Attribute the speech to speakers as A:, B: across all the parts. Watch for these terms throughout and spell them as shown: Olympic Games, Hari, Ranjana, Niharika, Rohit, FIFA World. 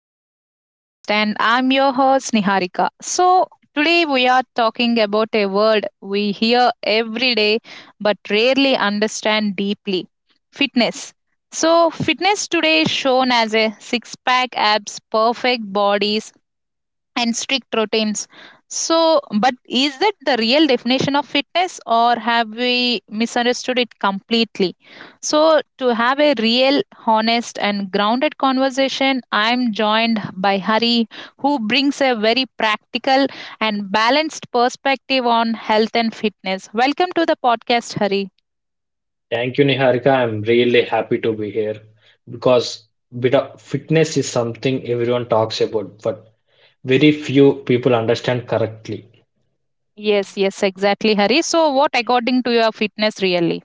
A: back to the podcast. And I'm your host, Niharika. Today we are talking about a word we hear every day but rarely understand deeply: fitness. Fitness today is shown as a six pack abs, perfect bodies, and strict routines. But is that the real definition of fitness, or have we misunderstood it completely? So, to have a real, honest, and grounded conversation, I'm joined by Hari, who brings a very practical and balanced perspective on health and fitness. Welcome to the podcast, Hari.
B: Thank you, Niharika. I'm really happy to be here because bit of fitness is something everyone talks about, but very few people understand correctly.
A: Yes, yes, exactly, Hari. So, what according to your fitness really?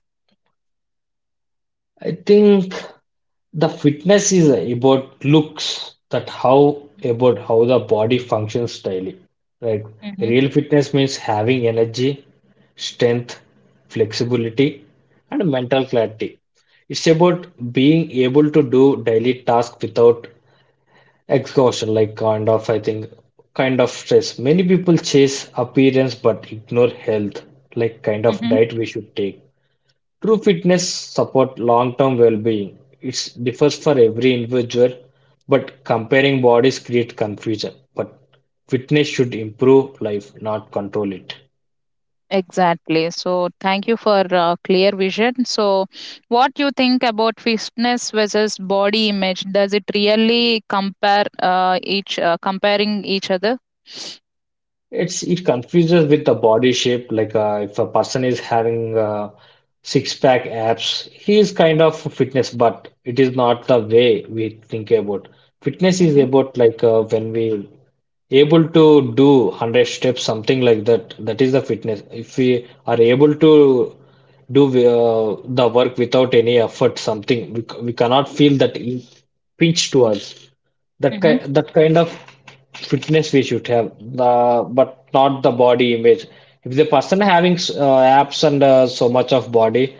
B: I think the fitness is about looks, that how about how the body functions daily, right?
A: hmm
B: Real fitness means having energy, strength, flexibility, and mental clarity. It's about being able to do daily tasks without exhaustion, like kind of, I think, kind of stress. Many people chase appearance but ignore health, like kind of diet we should take. True fitness support long-term well-being. It differs for every individual, but comparing bodies create confusion. But fitness should improve life, not control it.
A: Exactly. So, thank you for clear vision. So, what you think about fitness versus body image? Does it really compare each comparing each other?
B: It confuses with the body shape. Like if a person is having six pack abs, he is kind of fitness, but it is not the way we think about. Fitness is
A: Mm-hmm,
B: about like when we able to do 100 steps something like that, that is the fitness. If we are able to do the work without any effort, something we, we cannot feel that pinch to us, that
A: mm-hmm,
B: kind that kind of fitness we should have, but not the body image. If the person having abs and so much of body,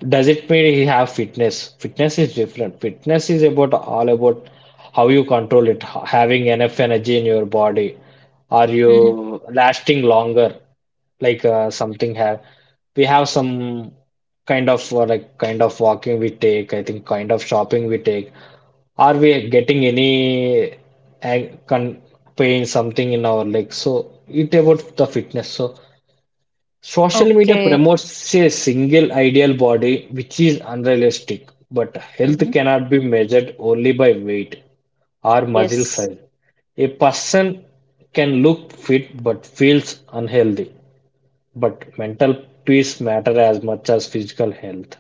B: does it mean he have fitness? Fitness is different. Fitness is about all about how you control it, having enough energy in your body. Are
A: mm-hmm.
B: you lasting longer? Like something have we have some kind of like kind of walking we take, I think kind of shopping we take. Are we getting any ang- con pain something in our leg? So it about the fitness. So social media
A: Okay.
B: promotes a single ideal body which is unrealistic, but health
A: Mm-hmm.
B: cannot be measured only by weight or muscle
A: Yes.
B: size. A person can look fit but feels unhealthy, but mental peace matter as much as physical health.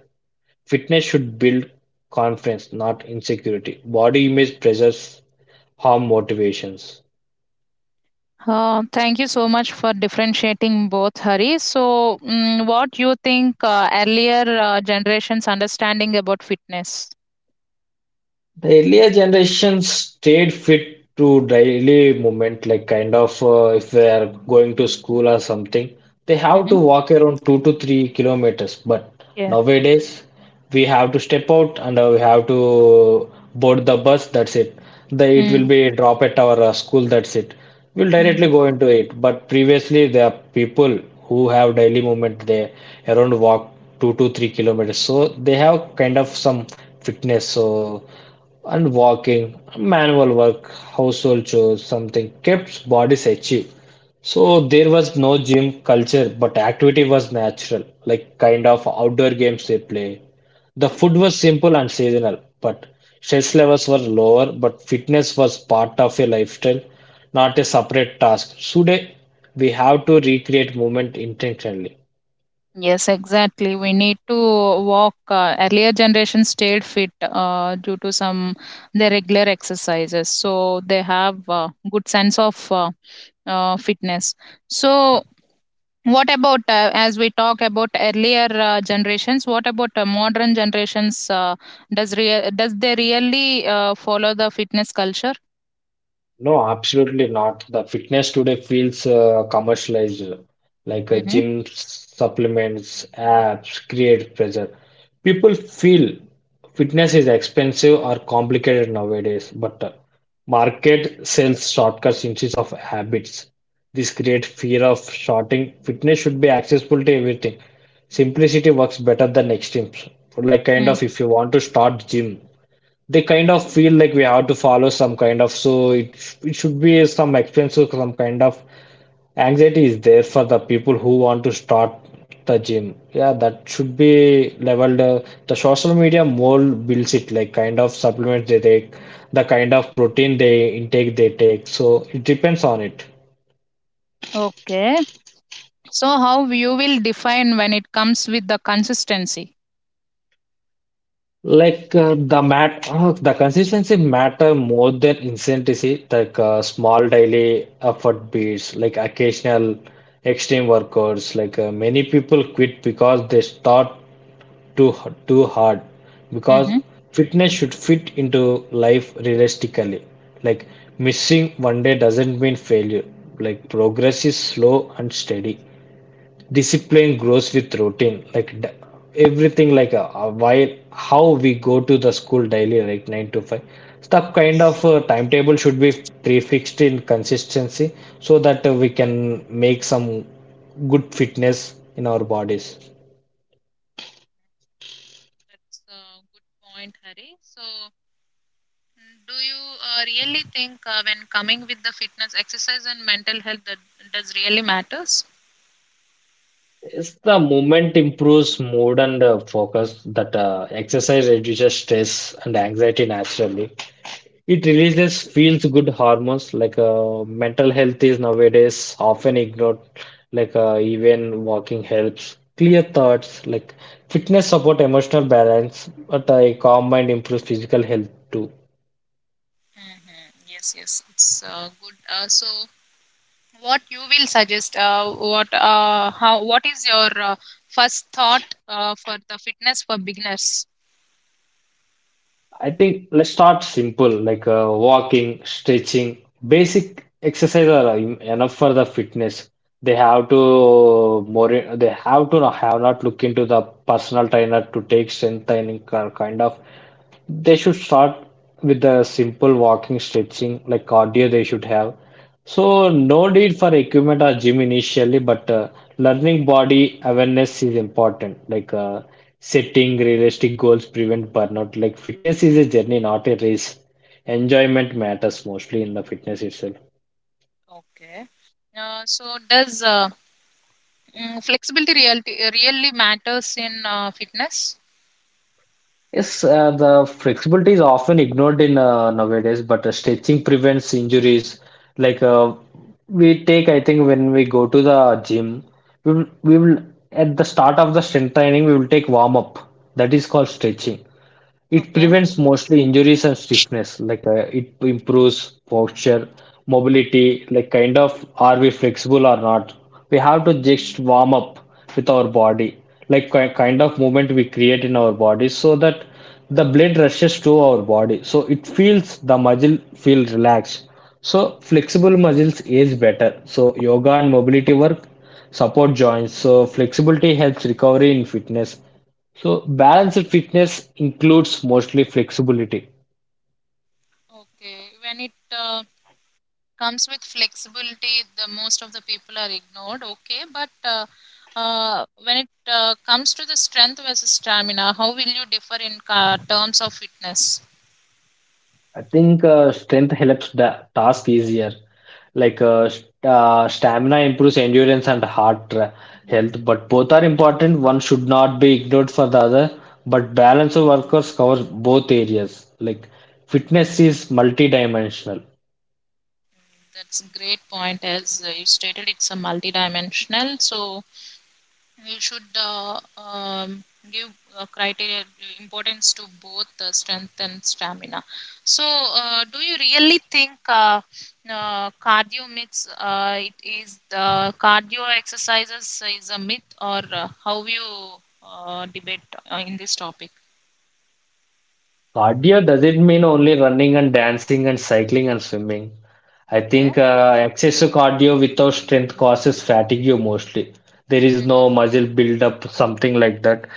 B: Fitness should build confidence, not insecurity. Body image pressures harm motivations.
A: Thank you so much for differentiating both, Hari. So, what you think earlier generations understanding about fitness?
B: The earlier generations stayed fit to daily movement, like kind of if they are going to school or something, they have to
A: Mm-hmm.
B: walk around 2 to 3 kilometers. But
A: Yes.
B: nowadays, we have to step out and we have to board the bus. That's it. The it will
A: Mm-hmm.
B: be drop at our school. That's it. We'll directly go into it. But previously, there are people who have daily movement. They around walk 2 to 3 kilometers, so they have kind of some fitness. So. And walking, manual work, household chores, something kept bodies active. So there was no gym culture, but activity was natural, like kind of outdoor games they play. The food was simple and seasonal, but stress levels were lower, but fitness was part of a lifestyle, not a separate task. Today, we have to recreate movement intentionally.
A: Yes, exactly. We need to walk. Earlier generation stayed fit due to some their regular exercises, so they have good sense of fitness. So, what about as we talk about earlier generations? What about modern generations? Does they really follow the fitness culture?
B: No, absolutely not. The fitness today feels commercialized, like
A: Mm-hmm.
B: gym supplements, apps create pressure. People feel fitness is expensive or complicated nowadays, but market sells shortcuts instead of habits. This creates fear of shorting. Fitness should be accessible to everything. Simplicity works better than extremes. Like kind
A: Mm.
B: of if you want to start gym, they kind of feel like we have to follow some kind of, so it should be some expensive some kind of anxiety is there for the people who want to start the gym, yeah, that should be leveled. The social media more builds it, like kind of supplements they take, the kind of protein they intake they take, so it depends on it.
A: Okay. So, how you will define when it comes with the consistency?
B: Like the consistency matter more than intensity. Like small daily effort beats, like occasional extreme workouts. Like many people quit because they start too hard. Because
A: Mm-hmm.
B: fitness should fit into life realistically. Like missing one day doesn't mean failure. Like progress is slow and steady, discipline grows with routine, like everything, like while how we go to the school daily like 9 to 5. That kind of timetable should be prefixed in consistency so that we can make some good fitness in our bodies.
A: That's a good point, Hari. So, do you really think when coming with the fitness, exercise, and mental health, that does really matters?
B: It's the movement improves mood and focus, that exercise reduces stress and anxiety naturally. It releases feels good hormones, like mental health is nowadays often ignored, like even walking helps, clear thoughts, like fitness support emotional balance, but a calm mind improves physical health too.
A: Yes, yes, it's good. So, what you will suggest? What how? What is your first thought for the fitness for beginners?
B: I think let's start simple, like walking, stretching, basic exercise are enough for the fitness. They have to more, they have to have not look into the personal trainer to take strength training kind of. They should start with the simple walking, stretching, like cardio they should have. So no need for equipment or gym initially, but learning body awareness is important. Like setting realistic goals prevent burnout. Like fitness is a journey, not a race. Enjoyment matters mostly in the fitness itself.
A: Okay. So, does flexibility reality really matters in fitness?
B: Yes, the flexibility is often ignored in nowadays, but stretching prevents injuries. Like we take, I think when we go to the gym, we will at the start of the strength training we will take warm up. That is called stretching. It
A: Okay.
B: prevents mostly injuries and stiffness, like it improves posture, mobility, like kind of are we flexible or not. We have to just warm up with our body, like kind of movement we create in our body so that the blood rushes to our body. So it feels the muscle feel relaxed. So flexible muscles is better. So yoga and mobility work support joints. So flexibility helps recovery in fitness, so balanced fitness includes mostly flexibility.
A: Okay. When it comes with flexibility the most of the people are ignored, okay, but when it comes to the strength versus stamina, how will you differ in terms of fitness?
B: I think strength helps the task easier. Like stamina improves endurance and heart health, but both are important. One should not be ignored for the other. But balance of workers covers both areas. Like fitness is multidimensional.
A: That's a great point. As you stated, it's a multidimensional, so we should, give criteria importance to both strength and stamina. So do you really think cardio myths, it is the cardio exercises is a myth? Or how you debate in this topic?
B: Cardio doesn't mean only running and dancing and cycling and swimming. I
A: Okay.
B: think excessive cardio without strength causes fatigue mostly. There is no
A: hmm
B: muscle build up, something like that.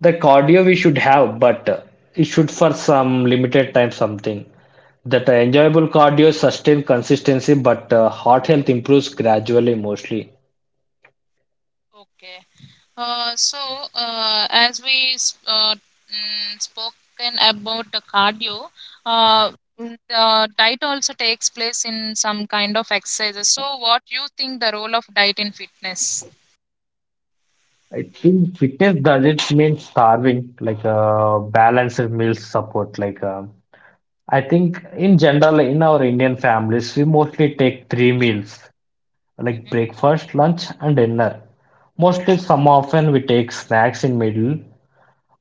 B: The cardio we should have, but it should for some limited time something. That enjoyable cardio sustain consistency, but heart health improves gradually mostly.
A: okay. So, as we spoken about the cardio, uh, the diet also takes place in some kind of exercises. So, what you think the role of diet in fitness?
B: I think fitness doesn't mean starving, like balanced meal support, like. I think in general, in our Indian families, we mostly take three meals like
A: Mm-hmm.
B: breakfast, lunch, and dinner. Mostly, some often we take snacks in middle,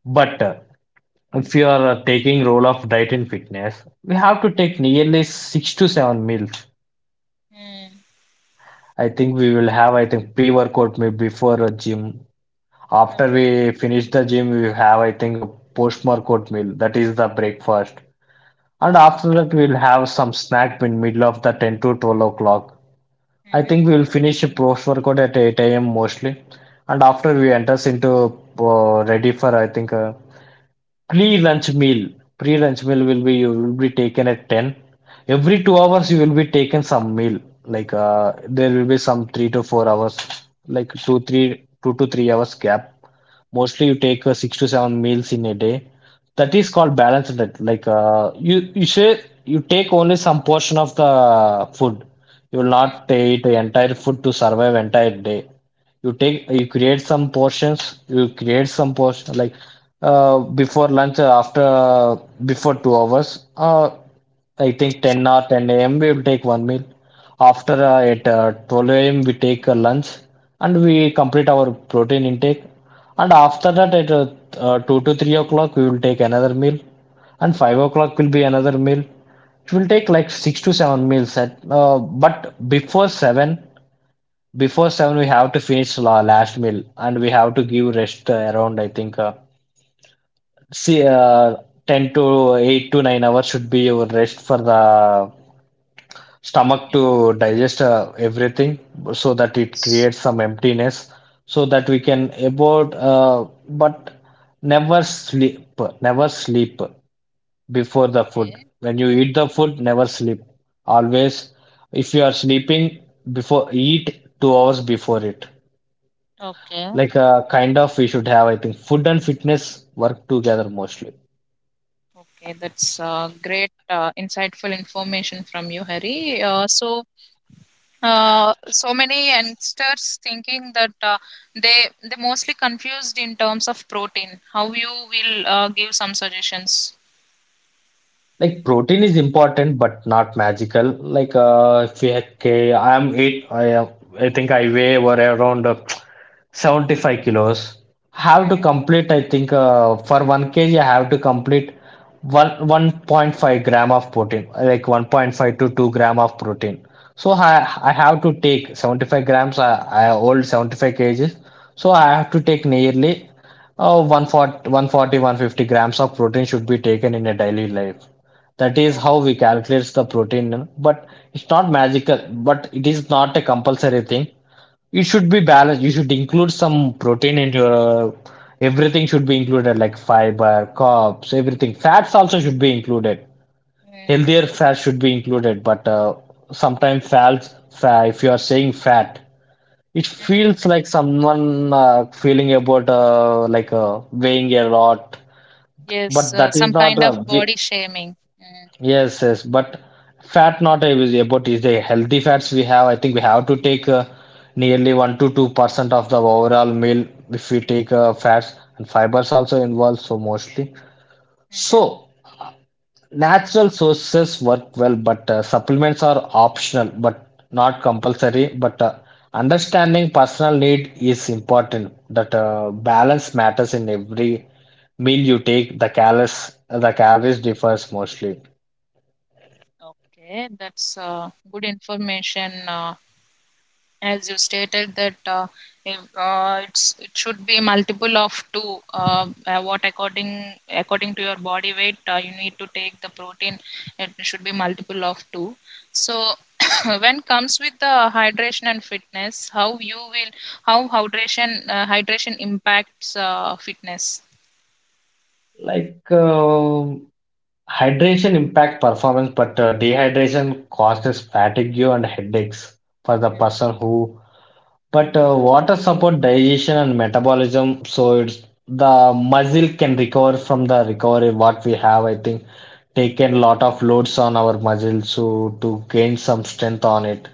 B: but if you are taking role of diet and fitness, we have to take nearly six to seven meals. I think we will have, I think, pre-workout maybe before a gym. After
A: Okay.
B: we finish the gym, we have, I think, a post-workout meal. That is the breakfast. And after that, we'll have some snack in middle of the 10 to 12 o'clock. I
A: Mm-hmm.
B: think we'll finish post workout at 8 a.m. mostly, and after we enters into ready for, I think, pre-lunch meal. Pre-lunch meal will be you will be taken at 10. Every 2 hours you will be taken some meal. Like there will be some 3 to 4 hours, like two to 3 hours gap, mostly you take six to seven meals in a day. That is called balanced diet. Like you say you take only some portion of the food, you will not eat the entire food to survive entire day. You take you create some portions, you create some portion, like before lunch, after uh, before 2 hours, uh, I think 10 a.m. we will take one meal, after at 12 a.m. we take a lunch and we complete our protein intake, and after that at 2 to 3 o'clock we will take another meal, and 5 o'clock will be another meal. It will take like 6 to 7 meals at but before 7, before seven, we have to finish la last meal, and we have to give rest around, I think, see, uh, 10 to 8 to 9 hours should be your rest for the stomach to digest everything, so that it creates some emptiness, so that we can about. But never sleep, never sleep before the food.
A: Okay.
B: When you eat the food, never sleep. Always, if you are sleeping before, eat 2 hours before it.
A: Okay.
B: Like kind of we should have, I think, food and fitness work together mostly.
A: Okay. That's great, insightful information from you, Hari. So, so many youngsters thinking that they mostly confused in terms of protein. How you will give some suggestions?
B: Like protein is important but not magical. Like if we okay, I'm eight. I am, I think I weigh were around 75 kilos. Have to
A: hmm
B: complete. I think for one kg, I have to complete one 1.5 gram of protein, like 1.5 to 2 gram of protein. So I
A: Okay.
B: I have to take 75 grams. I hold 75 kgs. So I have to take nearly 140-150 grams of protein should be taken in a daily life, that is how we calculate the protein. But it's not magical, but it is not a compulsory thing. It should be balanced. You should include some protein in your everything should be included, like fiber, carbs, everything. Fats also should be included.
A: Okay.
B: Healthier fats should be included, but sometimes fats, if you are saying fat, it
A: Mm.
B: feels like someone feeling about like weighing a lot,
A: Yes,
B: but that
A: some
B: is not
A: kind of
B: we.
A: body shaming. Mm-hmm.
B: Yes, yes, but fat not is about is the healthy fats we have. I think we have to take nearly 1% to 2% of the overall meal if we take fats and fibers also involved. So mostly, so natural sources work well, but supplements are optional, but not compulsory. But understanding personal need is important. That balance matters in every meal you take. The calories differs mostly.
A: Okay, that's good information. As you stated that if, it's it should be multiple of two, what according to your body weight you need to take the protein, it should be multiple of two. So when comes with the hydration and fitness, how you will, how hydration hydration impacts fitness?
B: Like hydration impact performance, but dehydration causes fatigue and headaches for the person who. But water support digestion and metabolism, so it's the muscle can recover from the recovery. What we have, I think, taken lot of loads on our muscle so to gain some strength on it.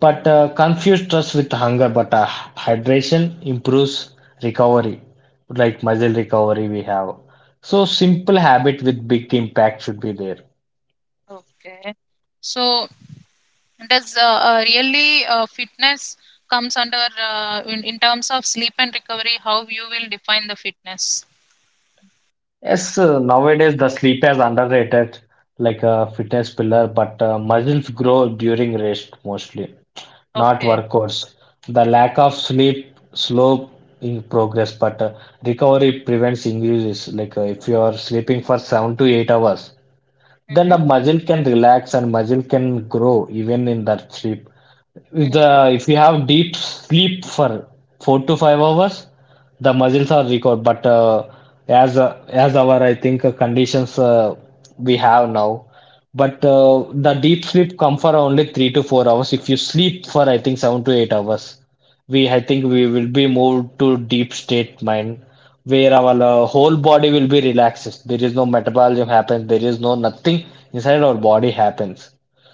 B: But confuse stress with hunger. But hydration improves recovery, like muscle recovery we have. So simple habit with big impact should be there.
A: Okay. So does really fitness comes under in terms of sleep and recovery? How you will define the fitness?
B: Yes, nowadays the sleep is underrated, like a fitness pillar. But muscles grow during rest mostly, not
A: Okay.
B: workouts. The
A: Mhm,
B: lack of sleep slow in progress, but recovery prevents injuries. Like if you are sleeping for 7 to 8 hours, then
A: mhm,
B: the muscle can relax and muscle can grow even in the sheep.
A: mhm.
B: The If you have deep sleep for 4 to 5 hours, the muscles are recovered. But as our I think conditions we have now, but the deep sleep come for only 3 to 4 hours. If you sleep for I think 7 to 8 hours, we I think we will be moved to deep state mind where our whole body will be relaxed. There is no metabolism happens. There is no nothing inside our body happens.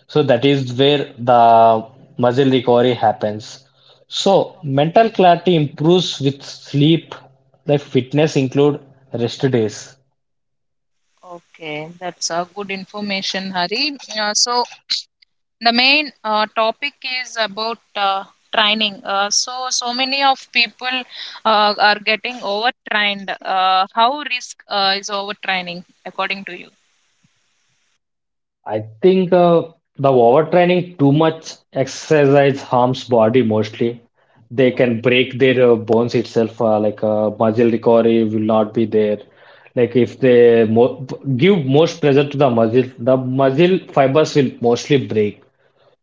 B: So that is where the muscle recovery happens. So mental
A: Okay.
B: clarity improves with sleep. The fitness include rest days.
A: Okay. That's a good information, Hari. So, the main topic is about training. So many of people are getting overtrained. How risk is overtraining according to you?
B: I think the overtraining too much exercise harms body mostly. They
A: Mhm.
B: can break their bones itself. Like muscle recovery will not be there. Like if they mo give most pressure to the muscle fibers will mostly break.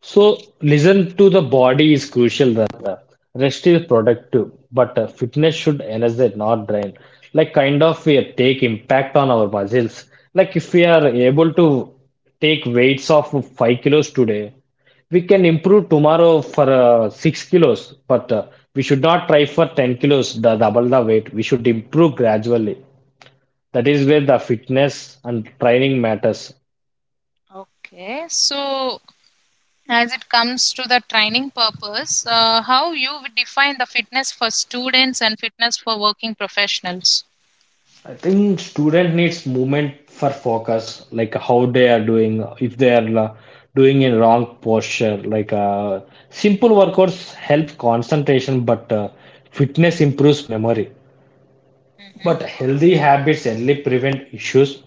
B: So, listen to the body is crucial there. Rest is productive, but fitness should energize, not drain. Like, kind of, we take impact on our muscles. Like, if we are able to take weights of 5 kilos today, we can improve tomorrow for 6 kilos, but we should not try for 10 kilos, the double the weight. We should improve gradually. That is where the fitness and training matters.
A: Okay. So as it comes to the training purpose, how you would define the fitness for students and fitness for working professionals?
B: I think student needs movement for focus, like how they are doing, if they are doing in wrong posture. Like simple workouts help concentration, but fitness improves memory. But healthy habits only prevent issues.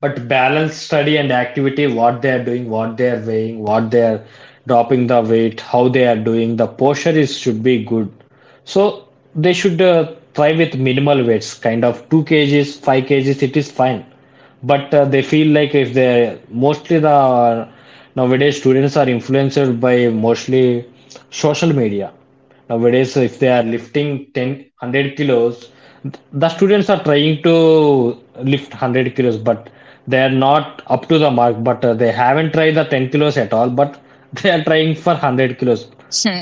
B: But balance study and activity, what they are doing, what they are weighing, what they are dropping the weight, how they are doing, the posture is should be good. So they should try with minimal weights, kind of 2 kgs, 5 kgs, it is fine, but they feel like if they mostly the nowadays students are influenced by mostly social media nowadays. If they are lifting 10 100 kilos, the students are trying to lift 100 kilos, but they are not up to the mark, but they haven't tried the 10 kilos at all, but they are trying for 100 kilos.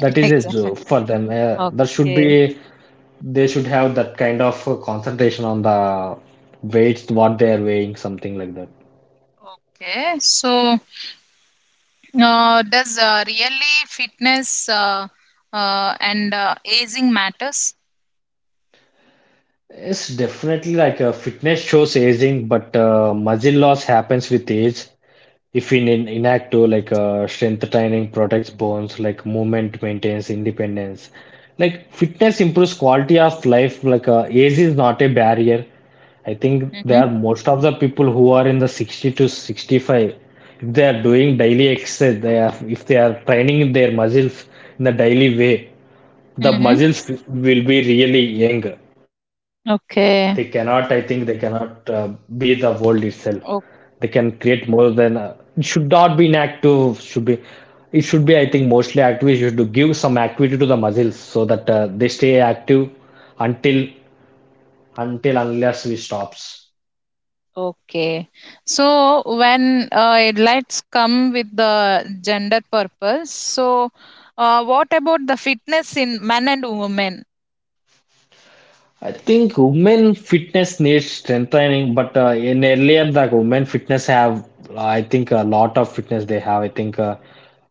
B: That is it for them uh, That should be
A: Okay.
B: they should have that kind of concentration on the weights, what they are weighing, something like that.
A: Okay, so does really fitness and aging matters?
B: It's definitely like a fitness shows aging, but muscle loss happens with age. If we in inactive, like strength training protects bones, like movement maintains independence. Like fitness improves quality of life. Like age is not a barrier. I think
A: Mm-hmm.
B: there are most of the people who are in the 60 to 65, if they are doing daily exercise, they are, if they are training their muscles in a daily way, the
A: Mm-hmm.
B: muzzles will be really young. They cannot, I think, they
A: Okay.
B: cannot be the world itself. They can
A: O-
B: create more than it should not be an active. Should be it should be, I think, mostly active. You should give some activity to the muzzles so that they stay active until unless we stops.
A: okay. So when it lights come with the gender purpose, so what about the fitness in men and women?
B: I think women fitness needs strengthening, but in earlier the women fitness have I think a lot of fitness they have. I think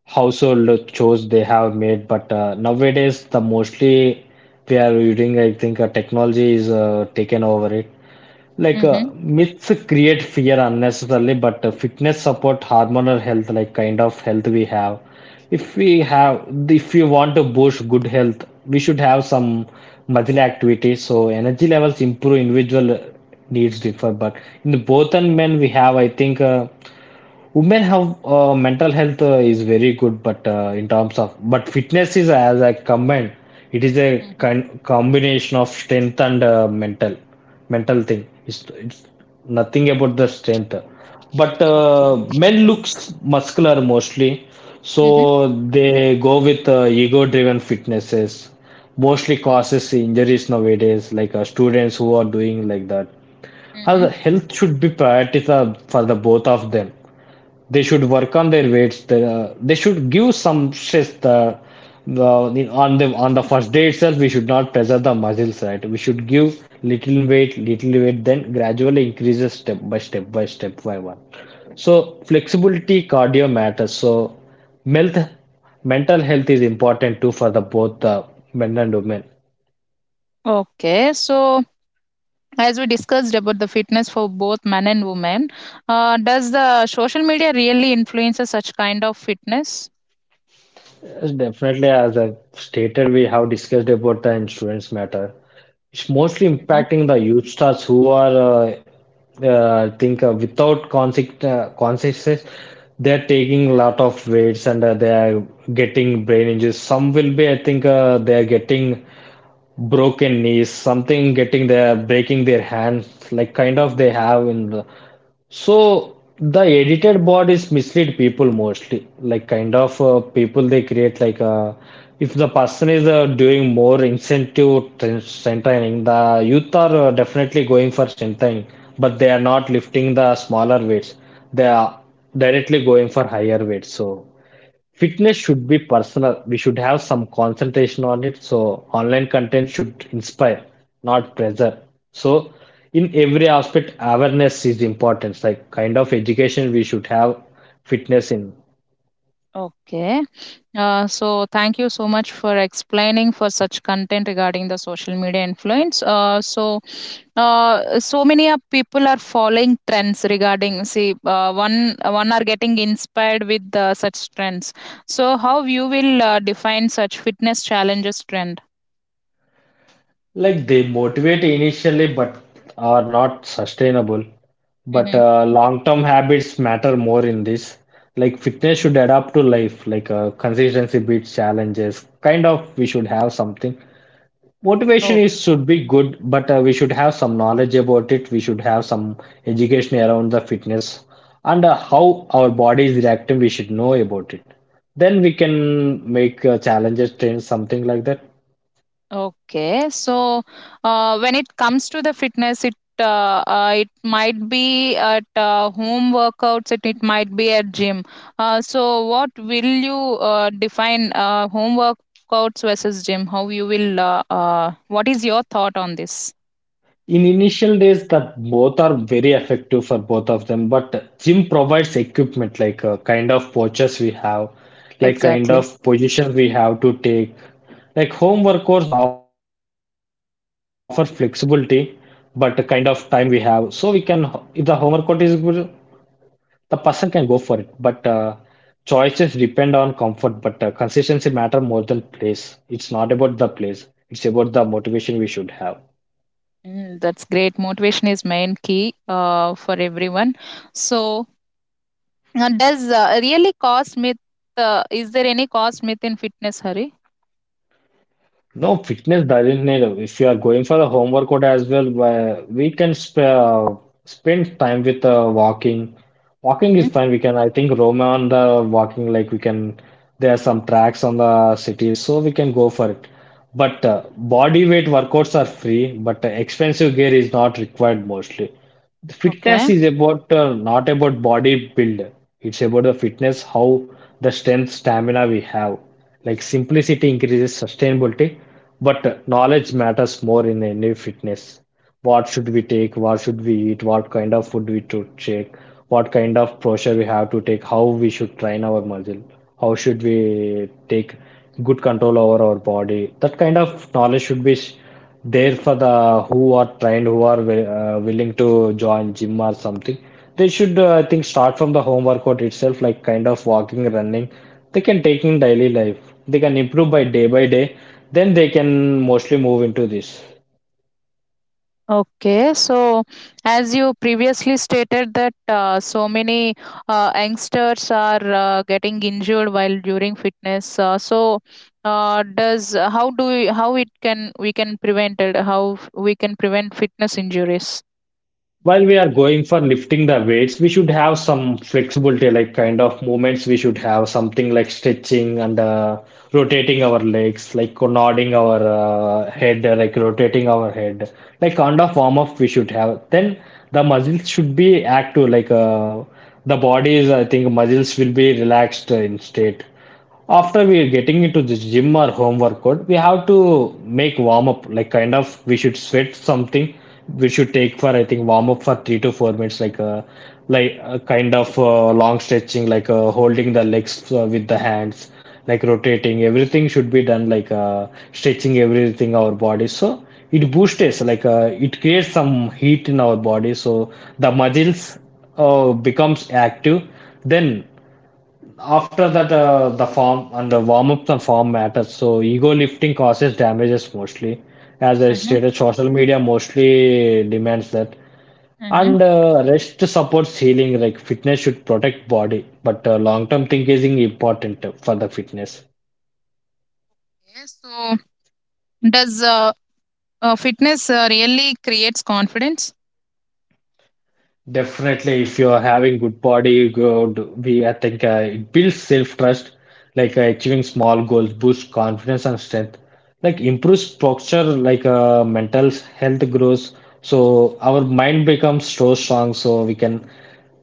B: household chores they have made, but nowadays the mostly we are using I think technology is taken over it, like
A: Mm-hmm.
B: myths create fear unnecessarily, but fitness support hormonal health like kind of health we have, if we have, if you want to boost good health we should have some muscle activity, so energy levels improve, individual needs differ, but in the both and men we have, I think women have mental health is very good, but in terms of, but fitness is as I comment, it is a
A: Mm-hmm.
B: combination of strength and mental thing, it's nothing about the strength, but
A: Okay.
B: men looks muscular mostly, so
A: Mm-hmm.
B: they go with ego driven fitnesses mostly causes injuries nowadays, like students who are doing like that. How
A: Mm-hmm.
B: the health should be priority for the both of them, they should work on their weights, they should give some stress on the first day itself, we should not pressure the muscles right, we should give little weight then gradually increases step by step by step by one, so flexibility cardio matters, so health mental health is important too for the both men and women.
A: Okay. So as we discussed about the fitness for both men and women, does the social media really influences such kind of fitness?
B: Yes, definitely. As I've stated, we have discussed about the insurance matter. It's mostly
A: Mhm.
B: impacting the youth stars who are, I think, without conscious, consciousness. They're taking a lot of weights and they are getting brain injuries. Some will be, I think, they are getting broken knees, something getting their breaking their hands, like kind of they have in the. So the edited bodies mislead people mostly, like kind of people they create, like if the person is doing more incentive strength training, the youth are definitely going for strength training, but they are not lifting the smaller weights. They are directly going for higher weights. So. Fitness should be personal. We should have some concentration on it. So online content should inspire, not pressure. So in every aspect, awareness is important. Like kind of education we should have fitness in.
A: Okay. Uh, so thank you so much for explaining for such content regarding the social media influence. So, so many of people are following trends regarding see, one are getting inspired with such trends. So how you will define such fitness challenges trend?
B: Like they motivate initially, but are not sustainable. But
A: Mhm.
B: long-term habits matter more in this. Like fitness should adapt to life, like consistency beats challenges. Kind of we should have something. Motivation is should be good, but we should have some knowledge about it, we should have some education around the fitness, and how our body is reacting we should know about it, then we can make challenges train something like that.
A: Okay, so when it comes to the fitness, it might be at home workouts, it might be at gym. So what will you define home workouts versus gym? How you will? What is your thought on this?
B: In initial days, that both are very effective for both of them. But gym provides equipment like kind of postures we have, like kind
A: Exactly?
B: of positions we have to take. Like home workouts offer flexibility, but the kind of time we have, so we can. If the home workout is good, the person can go for it. But choices depend on comfort. But consistency matter more than place. It's not about the place. It's about the motivation we should have.
A: Mm, that's great. Motivation is main key for everyone. So does really cost myth? Is there any cost myth in fitness, Hari?
B: No, fitness doesn't need. If you are going for a home workout as well, we can sp spend time with walking. Walking
A: Mm-hmm.
B: is fine. We can, I think, roam on the walking. Like we can, there are some tracks on the cities, so we can go for it. But body weight workouts are free, but expensive gear is not required mostly.
A: Okay.
B: Fitness is about not about body build. It's about the fitness, how the strength, stamina we have. Like simplicity increases sustainability, but knowledge matters more in any fitness. What should we take? What should we eat? What kind of food we to take? What kind of pressure we have to take? How we should train our muscle? How should we take good control over our body? That kind of knowledge should be there for the who are trained, who are willing to join gym or something. They should, I think, start from the home workout itself, like kind of walking, running. They can take in daily life. They can improve by day by day. Then they can mostly move into this.
A: Okay, so as you previously stated that so many youngsters are getting injured while during fitness. So, does how do we, how it can we can prevent it? How we can prevent fitness injuries?
B: While we are going for lifting the weights, we should have some flexibility, like kind of movements. We should have something like stretching and rotating our legs, like nodding our head, like rotating our head, like kind of warm up we should have. Then the muscles should be active, like the body is, I think, muscles will be relaxed in state after we are getting into the gym or home workout. We have to make warm up like kind of we should sweat something. We should take for I think warm up for 3 to 4 minutes, like a kind of long stretching, like holding the legs with the hands, like rotating everything should be done, like stretching everything our body, so it boosts, like it creates some heat in our body, so the muscles becomes active. Then after that, the form and the warm ups and form matters. So ego lifting causes damages mostly. As I
A: Mm-hmm,
B: stated, social media mostly demands that.
A: mm-hmm.
B: And rest supports healing. Like fitness should protect body, but long term thinking is important for the fitness.
A: Yes. So does fitness really creates confidence?
B: Definitely, if you are having good body, good, we I think it builds self-trust, like achieving small goals, boosts confidence and strength, like improves posture, like mental health grows. So our mind becomes so strong, so we can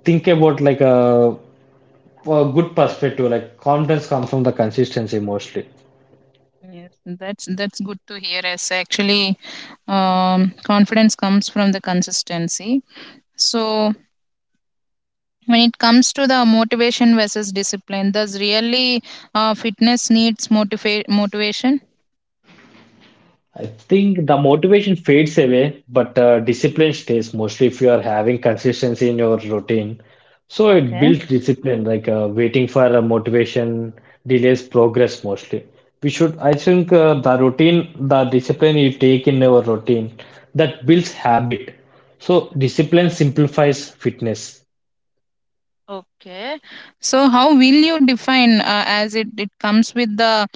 B: think about a good perspective. Like confidence comes from the consistency mostly.
A: Yes, that's good to hear. As actually, confidence comes from the consistency. So when it comes to the motivation versus discipline, does really fitness needs motivation?
B: I think the motivation fades away, but discipline stays mostly if you are having consistency in your routine. So it
A: Okay.
B: builds discipline, like waiting for a motivation delays progress mostly. We should, I think, the routine, the discipline you take in your routine, that builds habit. So discipline simplifies fitness.
A: Okay. So how will you define, as it, it comes with the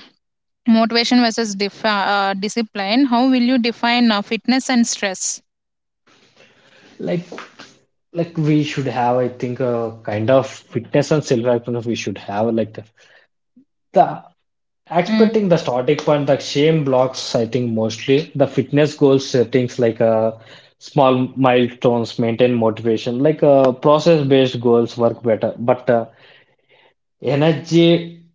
A: motivation versus discipline, how will you define fitness and stress?
B: Like, like we should have, I think, a kind of fitness and self-awareness we should have, like the
A: Mm.
B: expecting the starting point, the shame blocks, I think mostly the fitness goals settings, like small milestones, maintain motivation, like process based goals work better. But energy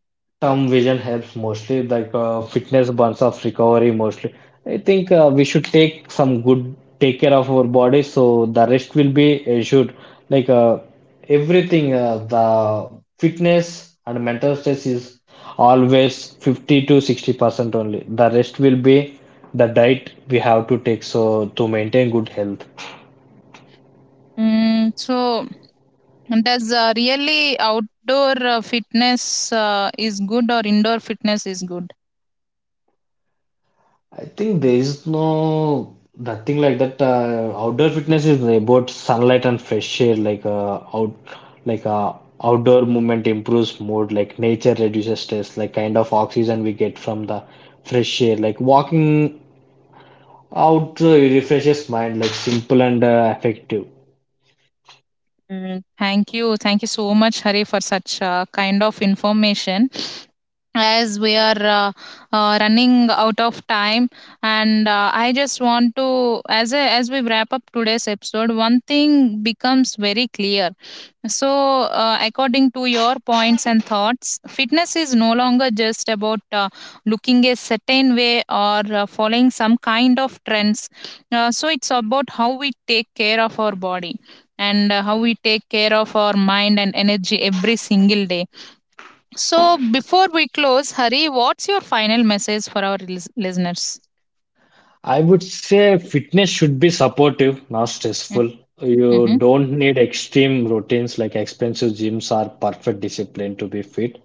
B: term vision helps mostly, like fitness burns off recovery mostly. I think we should take some good take care of our body so the rest will be assured. Like everything, the fitness and mental stress is always 50 to 60% only. The rest will be the diet we have to take so to maintain good health.
A: Mm, so does really outdoor fitness is good or indoor fitness is good?
B: I think there is no nothing like that. Outdoor fitness is about sunlight and fresh air, like like outdoor movement improves mood, like nature reduces stress, like kind of oxygen we get from the fresh air, like walking out refreshes mind, like simple and effective.
A: Mm, thank you so much, Hari, for such kind of information. As we are running out of time, and I just want to, as we wrap up today's episode, one thing becomes very clear. So according to your points and thoughts, fitness is no longer just about looking a certain way or following some kind of trends. So, it's about how we take care of our body and how we take care of our mind and energy every single day. So, before we close, Hari, what's your final message for our listeners?
B: I would say fitness should be supportive, not
A: Mm-hmm,
B: stressful. You
A: mm-hmm,
B: don't need extreme routines like expensive gyms or perfect discipline to be fit.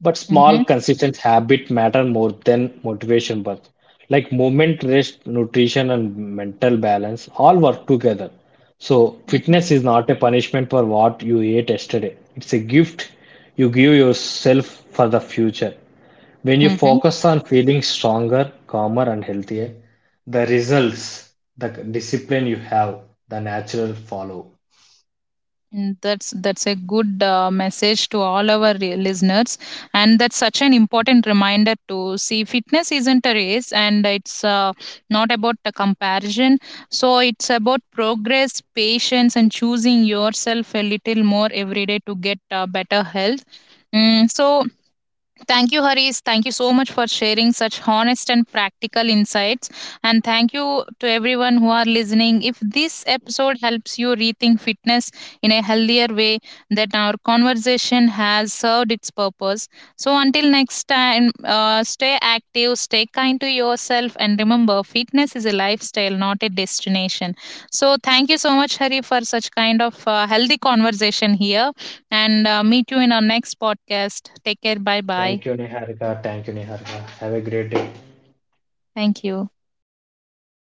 B: But
A: mm-hmm,
B: small, consistent habit matter more than motivation. But like movement, rest, nutrition, and mental balance all work together. So
A: mm-hmm.
B: fitness is not a punishment for what you ate yesterday. It's a gift you give yourself for the future. When you
A: mm-hmm.
B: focus on feeling stronger, calmer, and healthier, the results, the discipline you have, the natural follow.
A: That's a good message to all our listeners, and that's such an important reminder to see fitness isn't a race, and it's not about the comparison. So it's about progress, patience, and choosing yourself a little more every day to get better health. Mm, so thank you, Harish. Thank you so much for sharing such honest and practical insights. And thank you to everyone who are listening. If this episode helps you rethink fitness in a healthier way, that our conversation has served its purpose. So until next time, stay active, stay kind to yourself, and remember, fitness is a lifestyle, not a destination. So thank you so much, Hari, for such kind of healthy conversation here. And meet you in our next podcast. Take care. Bye bye.
B: Thank you, Niharika. Thank you, Niharika. Have a great day.
A: Thank you.